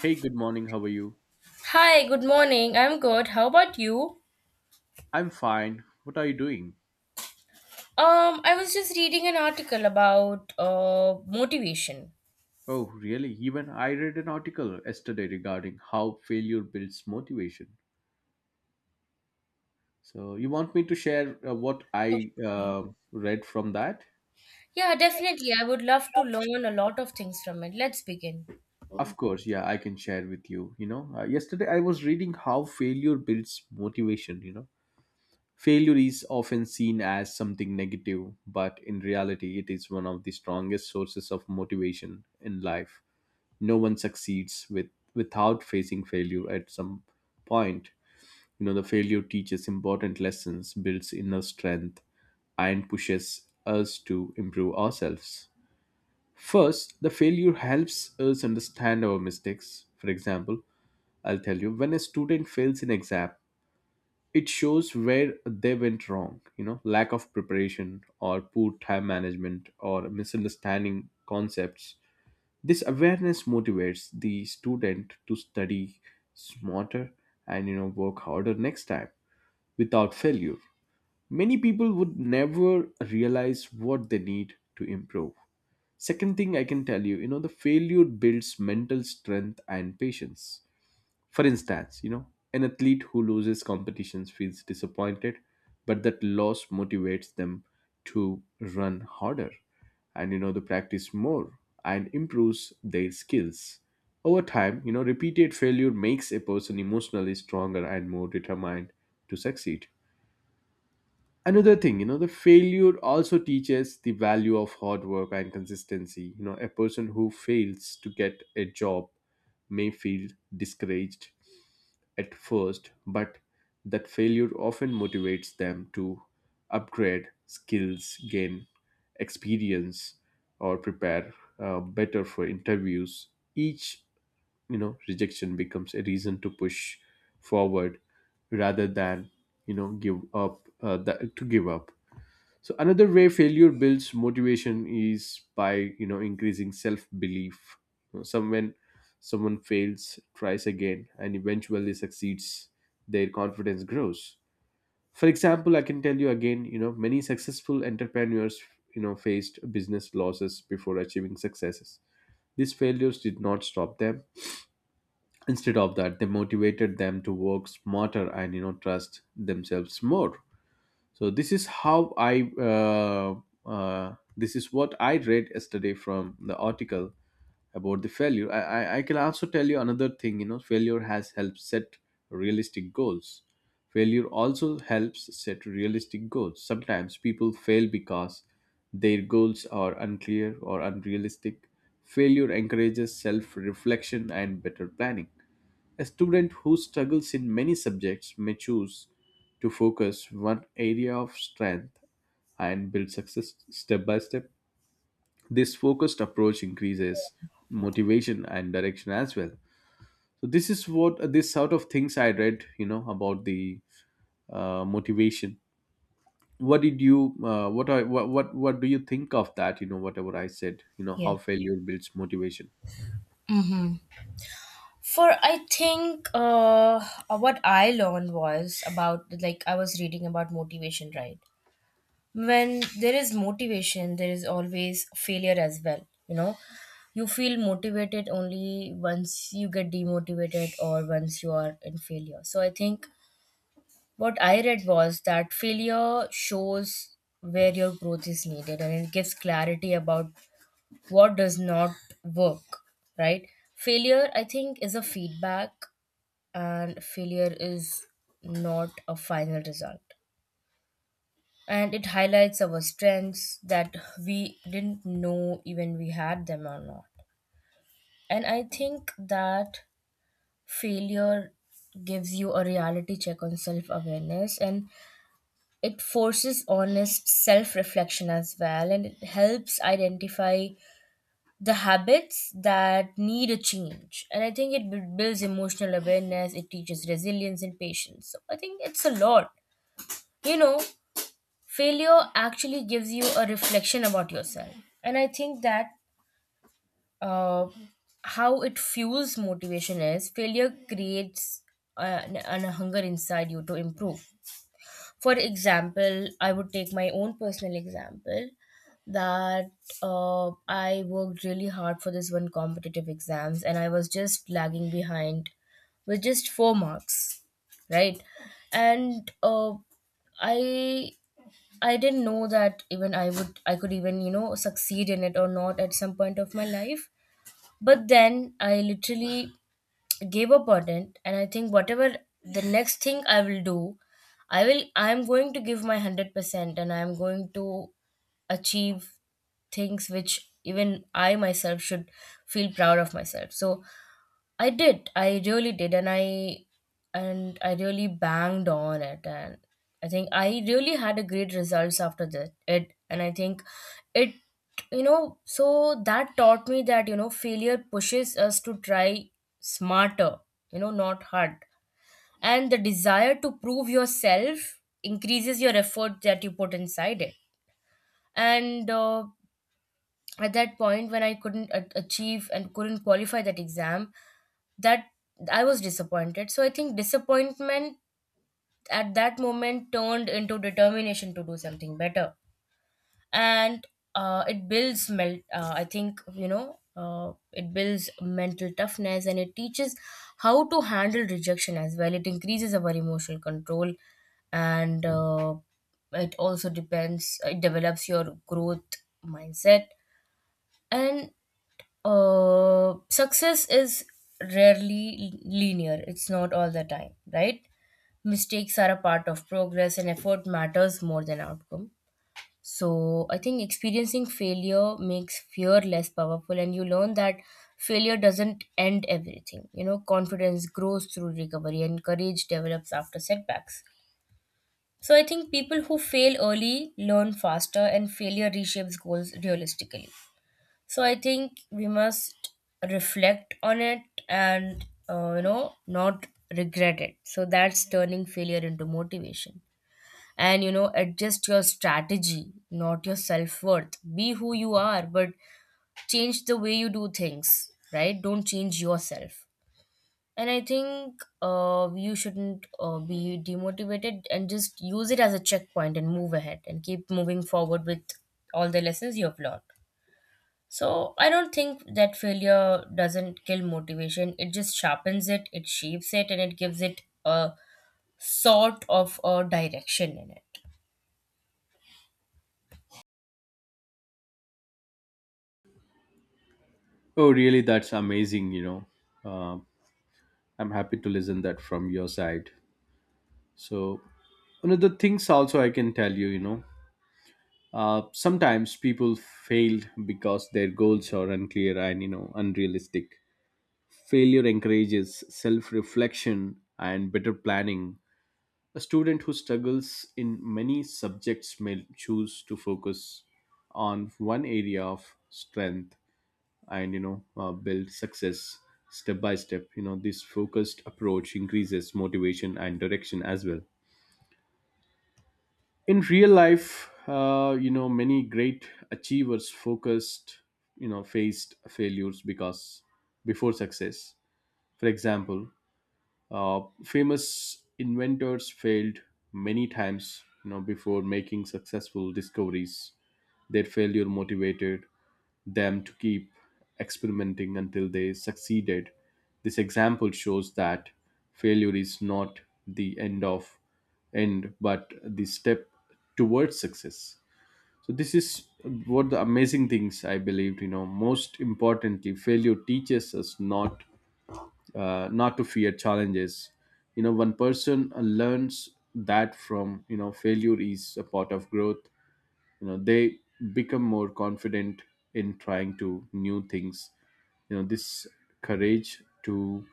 Hey, good morning. How are you? Hi, good morning. I'm good. How about you? I'm fine. What are you doing? I was just reading an article about motivation. Oh, really? Even I read an article yesterday regarding how failure builds motivation. So, you want me to share what Oh, I read from that? yeah, definitely. I would love to learn a lot of things from it. Let's begin. Of course, yeah, I can share with you. Yesterday I was reading how failure builds motivation. Failure is often seen as something negative, but in reality, it is one of the strongest sources of motivation in life. No one succeeds without facing failure at some point. The failure teaches important lessons, builds inner strength, and pushes us to improve ourselves. First, the failure helps us understand our mistakes. For example, I'll tell you, when a student fails in exam, it shows where they went wrong, lack of preparation or poor time management or misunderstanding concepts. This awareness motivates the student to study smarter and work harder next time without failure. Many people would never realize what they need to improve. Second thing I can tell you, the failure builds mental strength and patience. For instance, an athlete who loses competitions feels disappointed, but that loss motivates them to run harder and the practice more and improves their skills. Over time, repeated failure makes a person emotionally stronger and more determined to succeed. Another thing, the failure also teaches the value of hard work and consistency. A person who fails to get a job may feel discouraged at first, but that failure often motivates them to upgrade skills, gain experience, or prepare better for interviews. Each rejection becomes a reason to push forward rather than give up to give up. So another way failure builds motivation is by increasing self belief. Some when someone fails, tries again, and eventually succeeds, their confidence grows. For example, I can tell you again, many successful entrepreneurs faced business losses before achieving successes. These failures did not stop them. Instead of that, they motivated them to work smarter and trust themselves more. So this is how I uh, uh, this is what I read yesterday from the article about the failure. I can also tell you another thing. Failure has helped set realistic goals. Failure also helps set realistic goals. Sometimes people fail because their goals are unclear or unrealistic. Failure encourages self reflection and better planning. A student who struggles in many subjects may choose to focus one area of strength and build success step by step. This focused approach increases motivation and direction as well. So this is what this sort of things I read, about the motivation. What did you? What I what do you think of that? Whatever I said. You know, Yeah. how failure builds motivation. Hmm. For I think what I learned was about like I was reading about motivation, right? When there is motivation there is always failure as well. You know, you feel motivated only once you get demotivated or once you are in failure. So I think what I read was that failure shows where your growth is needed, and it gives clarity about what does not work, right? Failure, I think, is a feedback, and failure is not a final result, and it highlights our strengths that we didn't know even we had them or not. And I think that failure gives you a reality check on self awareness, and it forces honest self reflection as well, and it helps identify the habits that need a change. And I think it builds emotional awareness, it teaches resilience and patience. So I think it's a lot, you know, failure actually gives you a reflection about yourself. And I think that uh, how it fuels motivation is failure creates an hunger inside you to improve. For example, I would take my own personal example, that I worked really hard for this one competitive exams, and I was just lagging behind with just four marks, right? And i I didn't know that even I would I could even, you know, succeed in it or not at some point of my life. But then I literally gave up on it, and I think whatever the next thing I will do, I am going to give my 100%, and I am going to achieve things which even I myself should feel proud of myself. So I did. I really did, and I really banged on it, and I think I really had a great results after that. It and I think it, you know, so that taught me that you know failure pushes us to try smarter, you know, not hard, and the desire to prove yourself increases your effort that you put inside it, and. At that point when I couldn't achieve and couldn't qualify that exam, that I was disappointed. So I think disappointment at that moment turned into determination to do something better, and it builds mel. I think, you know, it builds mental toughness, and it teaches how to handle rejection as well. It increases our emotional control, and it develops your growth mindset. And success is rarely linear. It's not all the time, right? Mistakes are a part of progress, and effort matters more than outcome. So I think experiencing failure makes fear less powerful, and you learn that failure doesn't end everything. You know, confidence grows through recovery, and courage develops after setbacks. So I think people who fail early learn faster, and failure reshapes goals realistically. So I think we must reflect on it, and you know, not regret it. So that's turning failure into motivation. And, you know, adjust your strategy, not your self-worth. Be who you are, but change the way you do things, right? Don't change yourself. And I think you shouldn't be demotivated, and just use it as a checkpoint and move ahead and keep moving forward with all the lessons you have learned. So I don't think that failure doesn't kill motivation. It just sharpens it, it shapes it, and it gives it a sort of a direction in it. Oh, really? That's amazing. Um I'm happy to listen that from your side. So, another things also I can tell you, sometimes people failed because their goals are unclear and unrealistic. Failure encourages self-reflection and better planning. A student who struggles in many subjects may choose to focus on one area of strength and build success step by step. This focused approach increases motivation and direction as well in real life. Many great achievers focused faced failures because before success. For example, famous inventors failed many times, before making successful discoveries. Their failure motivated them to keep experimenting until they succeeded. This example shows that failure is not the end of end but the step towards success. So this is what the amazing things I believed. Most importantly, failure teaches us not to fear challenges. One person learns that from failure is a part of growth. They become more confident in trying to new things. This courage to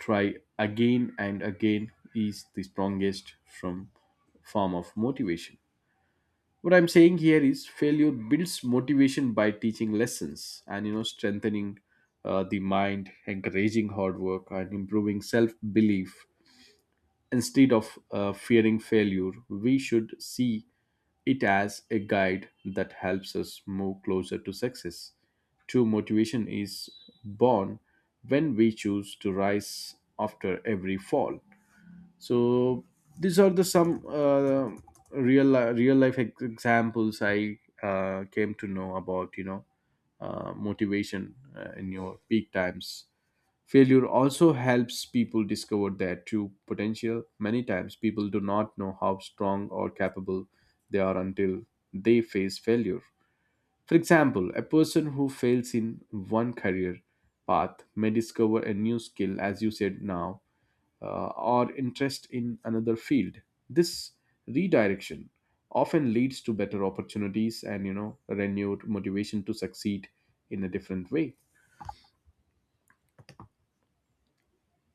try again and again is the strongest from form of motivation. What I'm saying here is failure builds motivation by teaching lessons and strengthening the mind, encouraging hard work, and improving self belief. Instead of fearing failure, we should see it as a guide that helps us move closer to success. True motivation is born when we choose to rise after every fall. So these are the some real life examples I came to know about, motivation in your peak times. Failure also helps people discover their true potential. Many times people do not know how strong or capable they are until they face failure. For example, a person who fails in one career path may discover a new skill, as you said now, or interest in another field. This redirection often leads to better opportunities and renewed motivation to succeed in a different way.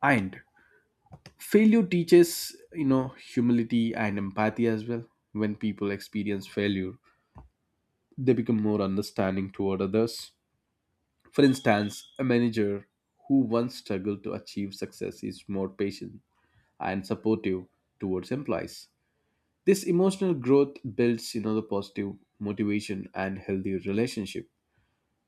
And failure teaches humility and empathy as well. When people experience failure, they become more understanding toward others. For instance, a manager who once struggled to achieve success is more patient and supportive towards employees. This emotional growth builds, the positive motivation and healthy relationship.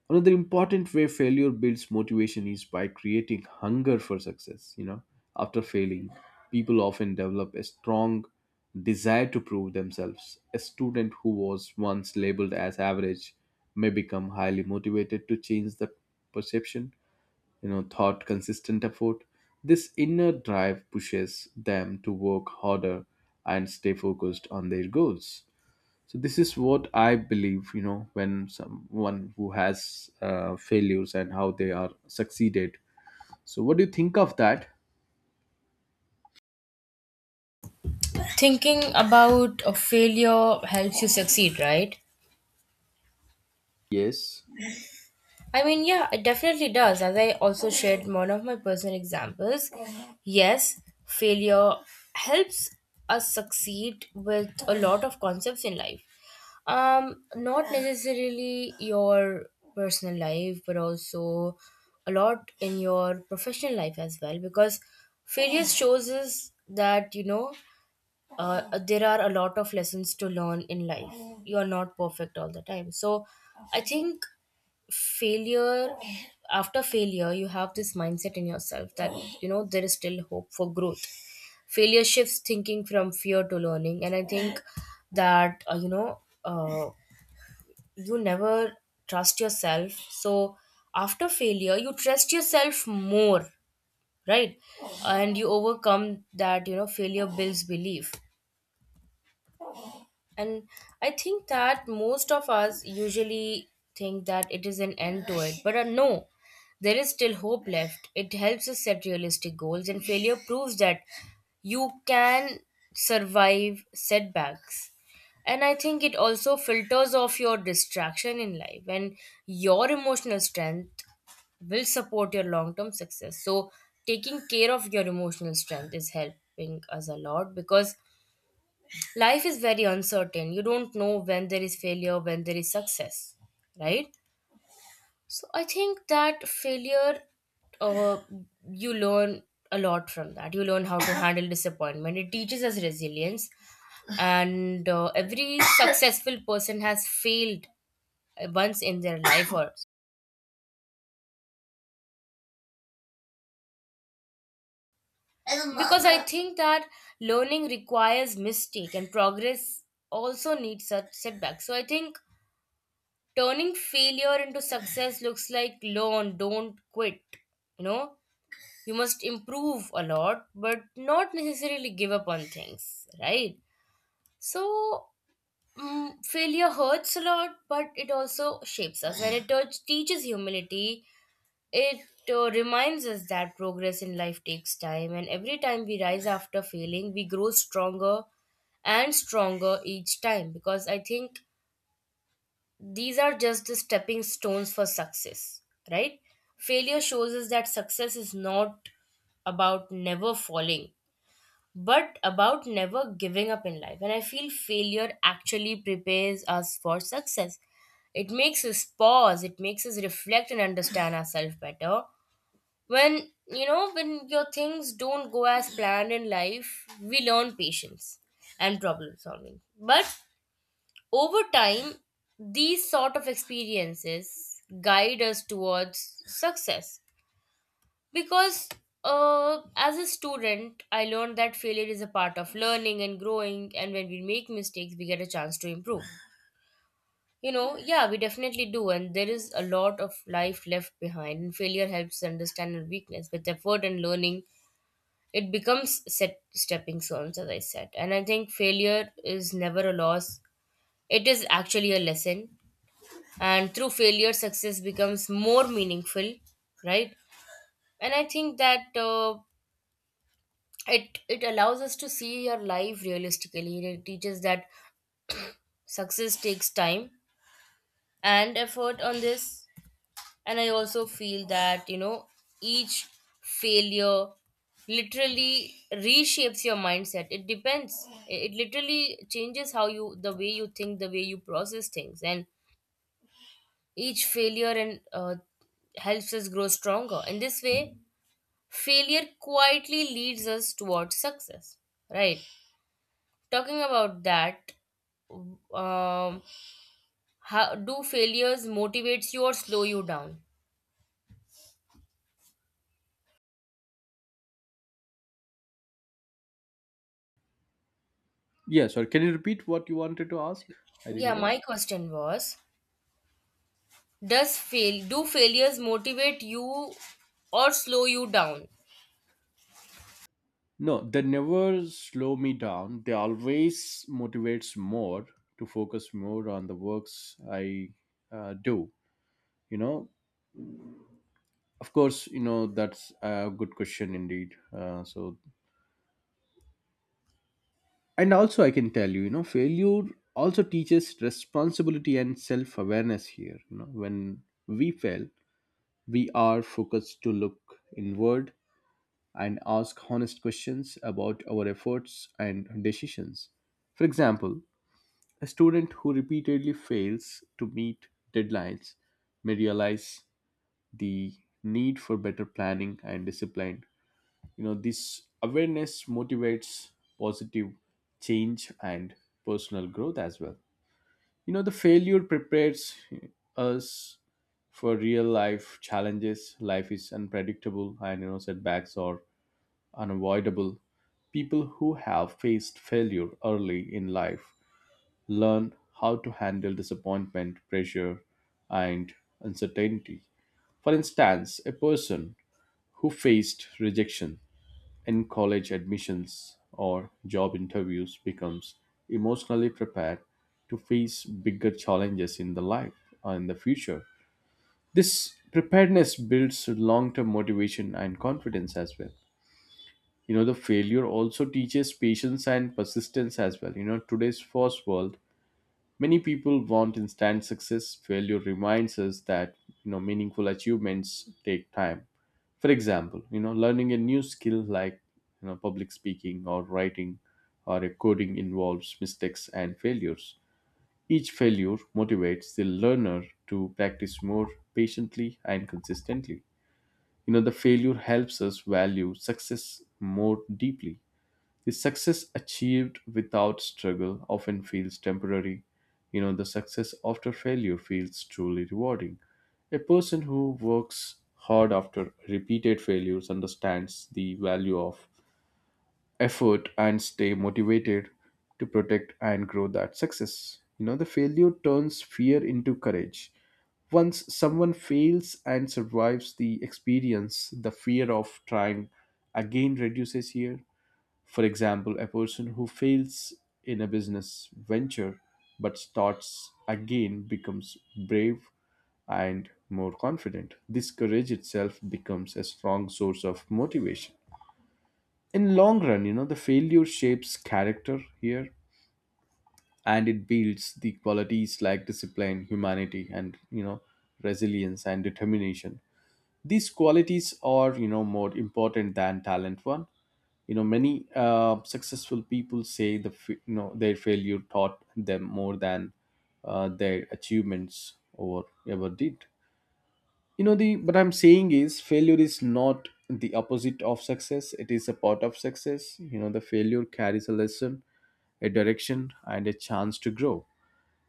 Another important way failure builds motivation is by creating hunger for success. After failing, people often develop a strong desire to prove themselves. A student who was once labeled as average may become highly motivated to change that perception thought consistent effort. This inner drive pushes them to work harder and stay focused on their goals. So this is what I believe, when someone who has failures and how they are succeeded. So what do you think of that? Thinking about a failure helps you succeed, right? Yes. I mean, yeah, it definitely does. As I also shared one of my personal examples, yes, failure helps us succeed with a lot of concepts in life. Not necessarily your personal life, but also a lot in your professional life as well, because failure shows us that, you know, there are a lot of lessons to learn in life. You are not perfect all the time. So I think failure after failure you have this mindset in yourself that you know there is still hope for growth. Failure shifts thinking from fear to learning. And I think that uh, you never trust yourself, so after failure you trust yourself more, right? And you overcome that. You know, failure builds belief. And I think that most of us usually think that it is an end to it, but no, there is still hope left. It helps us set realistic goals, and failure proves that you can survive setbacks. And I think it also filters off your distraction in life, and your emotional strength will support your long term success. So taking care of your emotional strength is helping us a lot, because life is very uncertain. You don't know when there is failure, when there is success, right? So I think that failure, uh, you learn a lot from that. You learn how to handle disappointment. It teaches us resilience, and every successful person has failed, once in their life, or because I think that learning requires mistake, and progress also needs such setbacks. So I think turning failure into success looks like learn, don't quit. You know, you must improve a lot, but not necessarily give up on things, right? So, failure hurts a lot, but it also shapes us. When it teaches humility, it reminds us that progress in life takes time, and every time we rise after failing we grow stronger and stronger each time. Because I think these are just the stepping stones for success, right? Failure shows us that success is not about never falling, but about never giving up in life. And I feel failure actually prepares us for success. It makes us pause, it makes us reflect and understand ourselves better. When your things don't go as planned in life, we learn patience and problem solving. But over time, these sort of experiences guide us towards success, because as a student, I learned that failure is a part of learning and growing, and when we make mistakes, we get a chance to improve. You know, yeah, we definitely do, and there is a lot of life left behind, and failure helps us understand our weakness. With effort and learning, it becomes set stepping stones, as I said. And I think failure is never a loss, it is actually a lesson, and through failure success becomes more meaningful, right? And I think that it it allows us to see your life realistically. It teaches that success takes time and effort on this. And I also feel that, you know, each failure literally reshapes your mindset. It literally changes how you the way you think, the way you process things. And each failure, and helps us grow stronger. In this way failure quietly leads us towards success, right? Talking about that, um, how do failures motivates you or slow you down? Yes, or can you repeat what you wanted to ask? I didn't Yeah, get. my question was, does fail do failures motivate you or slow you down? No, they never slow me down, they always motivates more to focus more on the works. I uh, do you know? Of course, that's a good question indeed. So, and also, I can tell you, failure also teaches responsibility and self awareness here. When we fail, we are focused to look inward and ask honest questions about our efforts and decisions. For example, a student who repeatedly fails to meet deadlines may realize the need for better planning and discipline. This awareness motivates positive change and personal growth as well. The failure prepares us for real life challenges. Life is unpredictable and setbacks are unavoidable. People who have faced failure early in life learn how to handle disappointment, pressure, and uncertainty. For instance, a person who faced rejection in college admissions or job interviews becomes emotionally prepared to face bigger challenges in the life or in the future. This preparedness builds long-term motivation and confidence as well. The failure also teaches patience and persistence as well. Today's first world. Many people want instant success. Failure reminds us that meaningful achievements take time. For example, learning a new skill like public speaking or writing or a coding involves mistakes and failures. Each failure motivates the learner to practice more patiently and consistently. The failure helps us value success more deeply. The success achieved without struggle often feels temporary. The success after failure feels truly rewarding. A person who works hard after repeated failures understands the value of effort and stay motivated to protect and grow that success. The failure turns fear into courage. Once someone fails and survives the experience, the fear of trying again reduces here. For example, a person who fails in a business venture but starts again becomes brave and more confident. This courage itself becomes a strong source of motivation. In long run, the failure shapes character here and it builds the qualities like discipline, humanity, and, resilience and determination. These qualities are, more important than talent one. Many successful people say their failure taught them more than their achievements or ever did. You know the What I'm saying is, failure is not the opposite of success. It is a part of success. The failure carries a lesson, a direction and a chance to grow.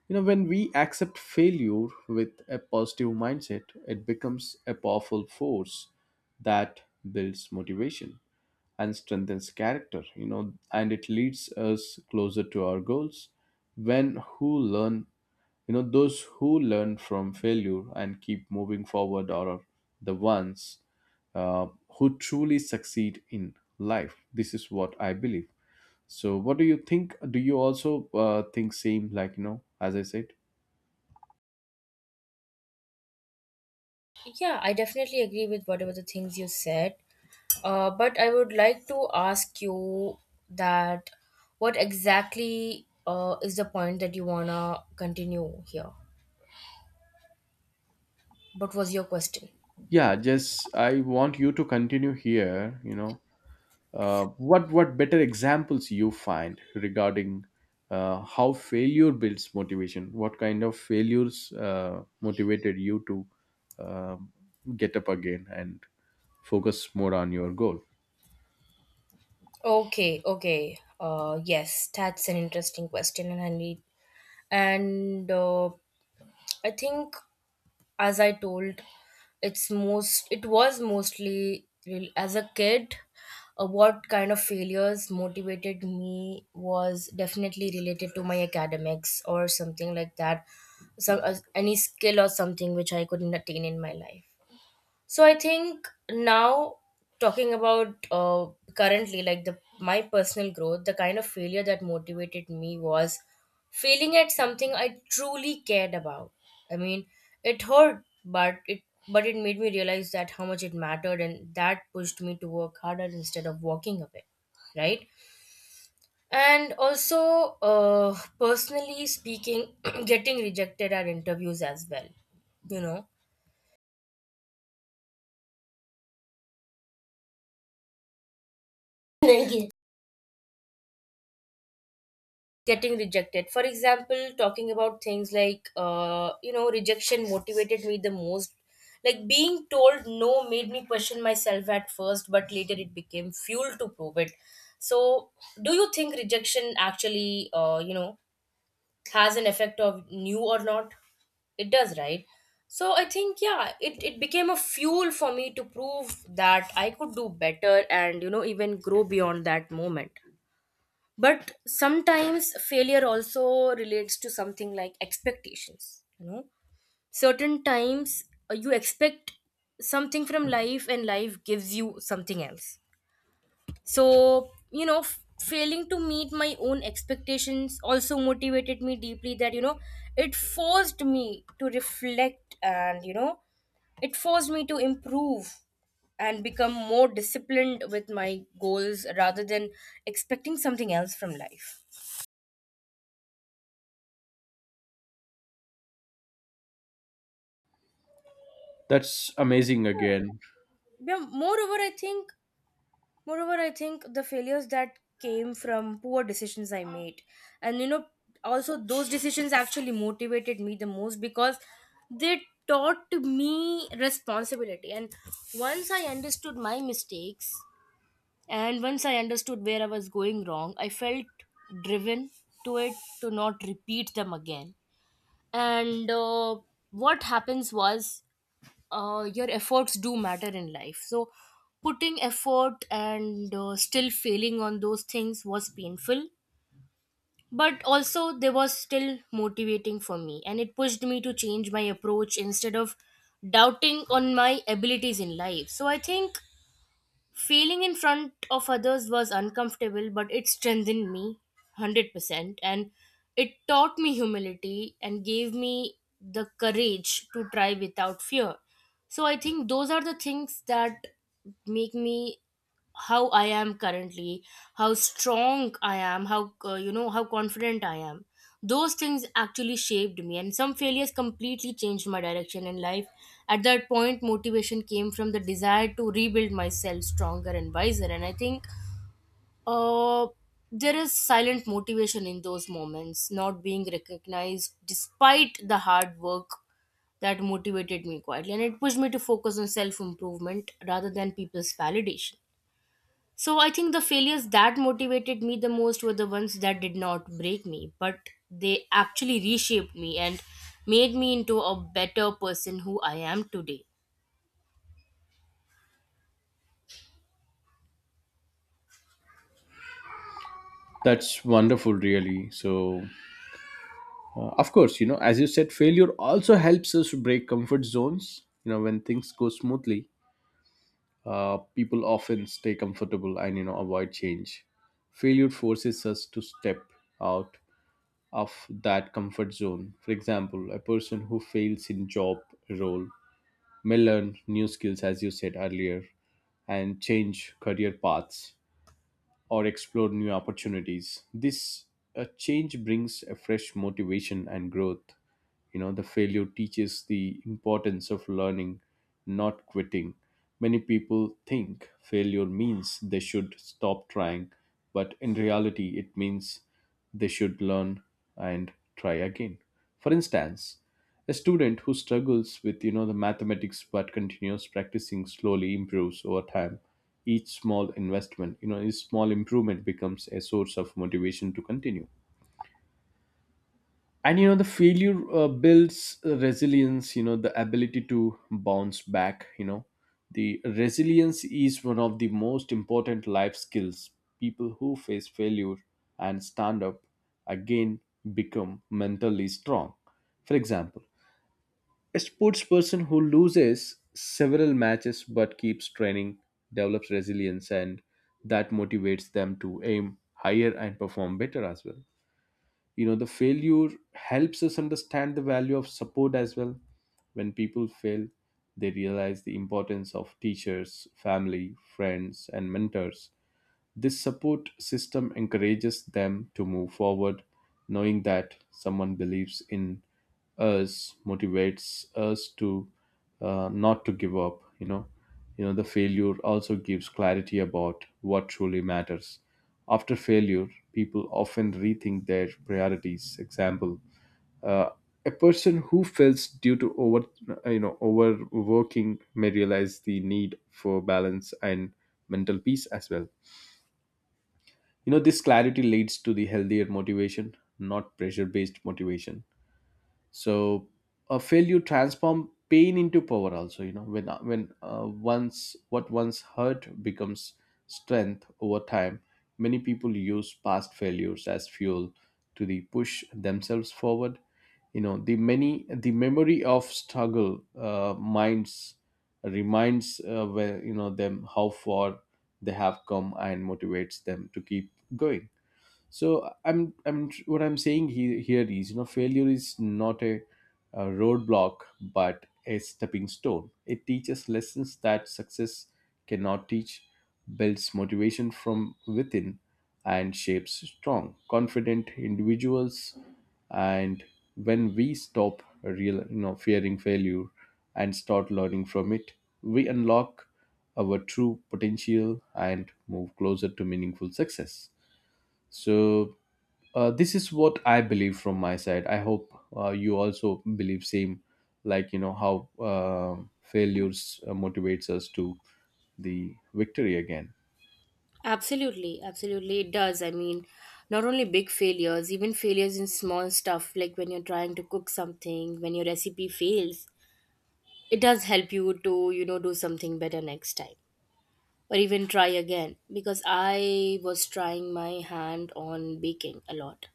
When we accept failure with a positive mindset, it becomes a powerful force that builds motivation and strengthens character. And it leads us closer to our goals. When who learn Those who learn from failure and keep moving forward are the ones, uh, who truly succeed in life. This is what I believe. So what do you think? Do you also think same, like, as I said? Yeah, I definitely agree with whatever the things you said, but I would like to ask you that what exactly is the point that you wanna continue here. What was your question? Yeah, just I want you to continue here. What better examples you find regarding how failure builds motivation? What kind of failures motivated you to uh, get up again and focus more on your goal? Okay, okay. Yes, that's an interesting question, and I need and I think, as I told, it was mostly as a kid. What kind of failures motivated me was definitely related to my academics or something like that, some any skill or something which I couldn't attain in my life. So I think now, talking about currently, like the my personal growth, the kind of failure that motivated me was failing at something I truly cared about. I mean, it hurt, but it made me realize that how much it mattered, and that pushed me to work harder instead of walking away, right? And also, personally speaking, getting rejected at interviews as well, you know getting rejected, for example, talking about things like rejection motivated me the most. Like being told no made me question myself at first, but later it became fuel to prove it. So do you think rejection actually, has an effect of new or not? It does, right? So I think, yeah, it became a fuel for me to prove that I could do better, and you know, even grow beyond that moment. But sometimes failure also relates to something like expectations, you know. Certain times, you expect something from life and life gives you something else. So failing to meet my own expectations also motivated me deeply. That you know It forced me to reflect, and you know, it forced me to improve and become more disciplined with my goals rather than expecting something else from life. That's amazing again. Yeah, moreover, I think the failures that came from poor decisions I made, and you know, also those decisions actually motivated me the most, because they taught me responsibility. And once I understood my mistakes, and once I understood where I was going wrong, I felt driven to not repeat them again. And what happens was, your efforts do matter in life. So putting effort and still failing on those things was painful, but also they was still motivating for me, and it pushed me to change my approach instead of doubting on my abilities in life. So I think, failing in front of others was uncomfortable, but it strengthened me 100%. And it taught me humility and gave me the courage to try without fear. So I think those are the things that make me how I am currently, how strong I am, how, how confident I am. Those things actually shaped me, and some failures completely changed my direction in life. At that point, motivation came from the desire to rebuild myself stronger and wiser. And I think, uh, there is silent motivation in those moments, not being recognized despite the hard work. That motivated me quietly, and it pushed me to focus on self improvement rather than people's validation. So I think the failures that motivated me the most were the ones that did not break me, but they actually reshaped me and made me into a better person who I am today. That's wonderful, really. So, of course, as you said, failure also helps us break comfort zones. You know, when things go smoothly, people often stay comfortable and, avoid change. Failure forces us to step out of that comfort zone. For example, a person who fails in job role may learn new skills, as you said earlier, and change career paths or explore new opportunities. This change brings a fresh motivation and growth. You know, the failure teaches the importance of learning, not quitting. Many people think failure means they should stop trying, but in reality, it means they should learn and try again. For instance, a student who struggles with the mathematics but continues practicing slowly improves over time. Each small investment, each small improvement becomes a source of motivation to continue. And the failure builds resilience. The ability to bounce back, the resilience, is one of the most important life skills. People who face failure and stand up again become mentally strong. For example, a sports person who loses several matches but keeps training develops resilience, and that motivates them to aim higher and perform better as well. The failure helps us understand the value of support as well. When people fail, they realize the importance of teachers, family, friends and mentors. This support system encourages them to move forward, knowing that someone believes in us, motivates us to not to give up. The failure also gives clarity about what truly matters. After failure, people often rethink their priorities. Example, uh, a person who fails due to over overworking may realize the need for balance and mental peace as well. This clarity leads to the healthier motivation, not pressure based motivation. So, a failure transform pain into power also. When once hurt becomes strength over time. Many people use past failures as fuel to the push themselves forward. The memory of struggle minds reminds where you know them how far they have come, and motivates them to keep going. So I'm what I'm saying here is, failure is not a roadblock, but a stepping stone. It teaches lessons that success cannot teach, builds motivation from within and shapes strong, confident individuals. And when we stop real fearing failure and start learning from it, we unlock our true potential and move closer to meaningful success. So, this is what I believe from my side. I hope you also believe same, like, how failures motivates us to the victory again. Absolutely, absolutely, it does. I mean, not only big failures, even failures in small stuff, like when you're trying to cook something, when your recipe fails, it does help you to, you know, do something better next time, or even try again. Because I was trying my hand on baking a lot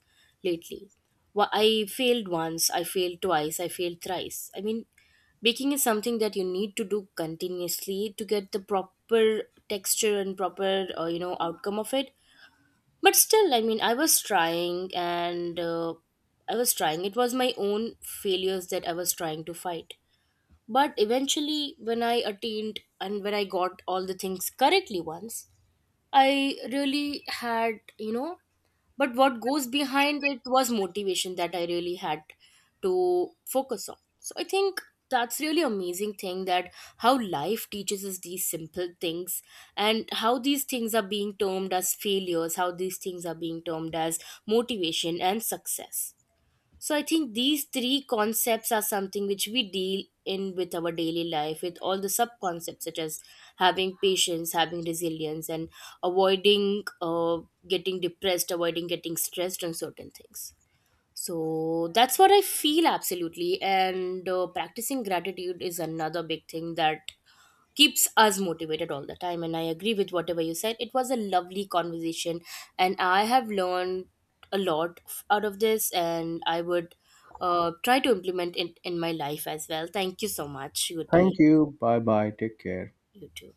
lately. I failed once, I failed twice, I failed thrice. I mean, baking is something that you need to do continuously to get the proper texture and proper, outcome of it. But still, I mean, I was trying, and I was trying. It was my own failures that I was trying to fight. But eventually, when I attained and when I got all the things correctly once, I really had, you know, but what goes behind it was motivation that I really had to focus on. So I think that's really amazing thing, that how life teaches us these simple things, and how these things are being termed as failures, how these things are being termed as motivation and success. So I think these three concepts are something which we deal in with our daily life, with all the sub concepts, such as having patience, having resilience, and avoiding, getting depressed, avoiding getting stressed on certain things. So that's what I feel, absolutely. And practicing gratitude is another big thing that keeps us motivated all the time. And I agree with whatever you said. It was a lovely conversation, and I have learned a lot out of this, and I would, try to implement it in my life as well. Thank you so much. Good day. Thank you. Bye bye. Take care. You too.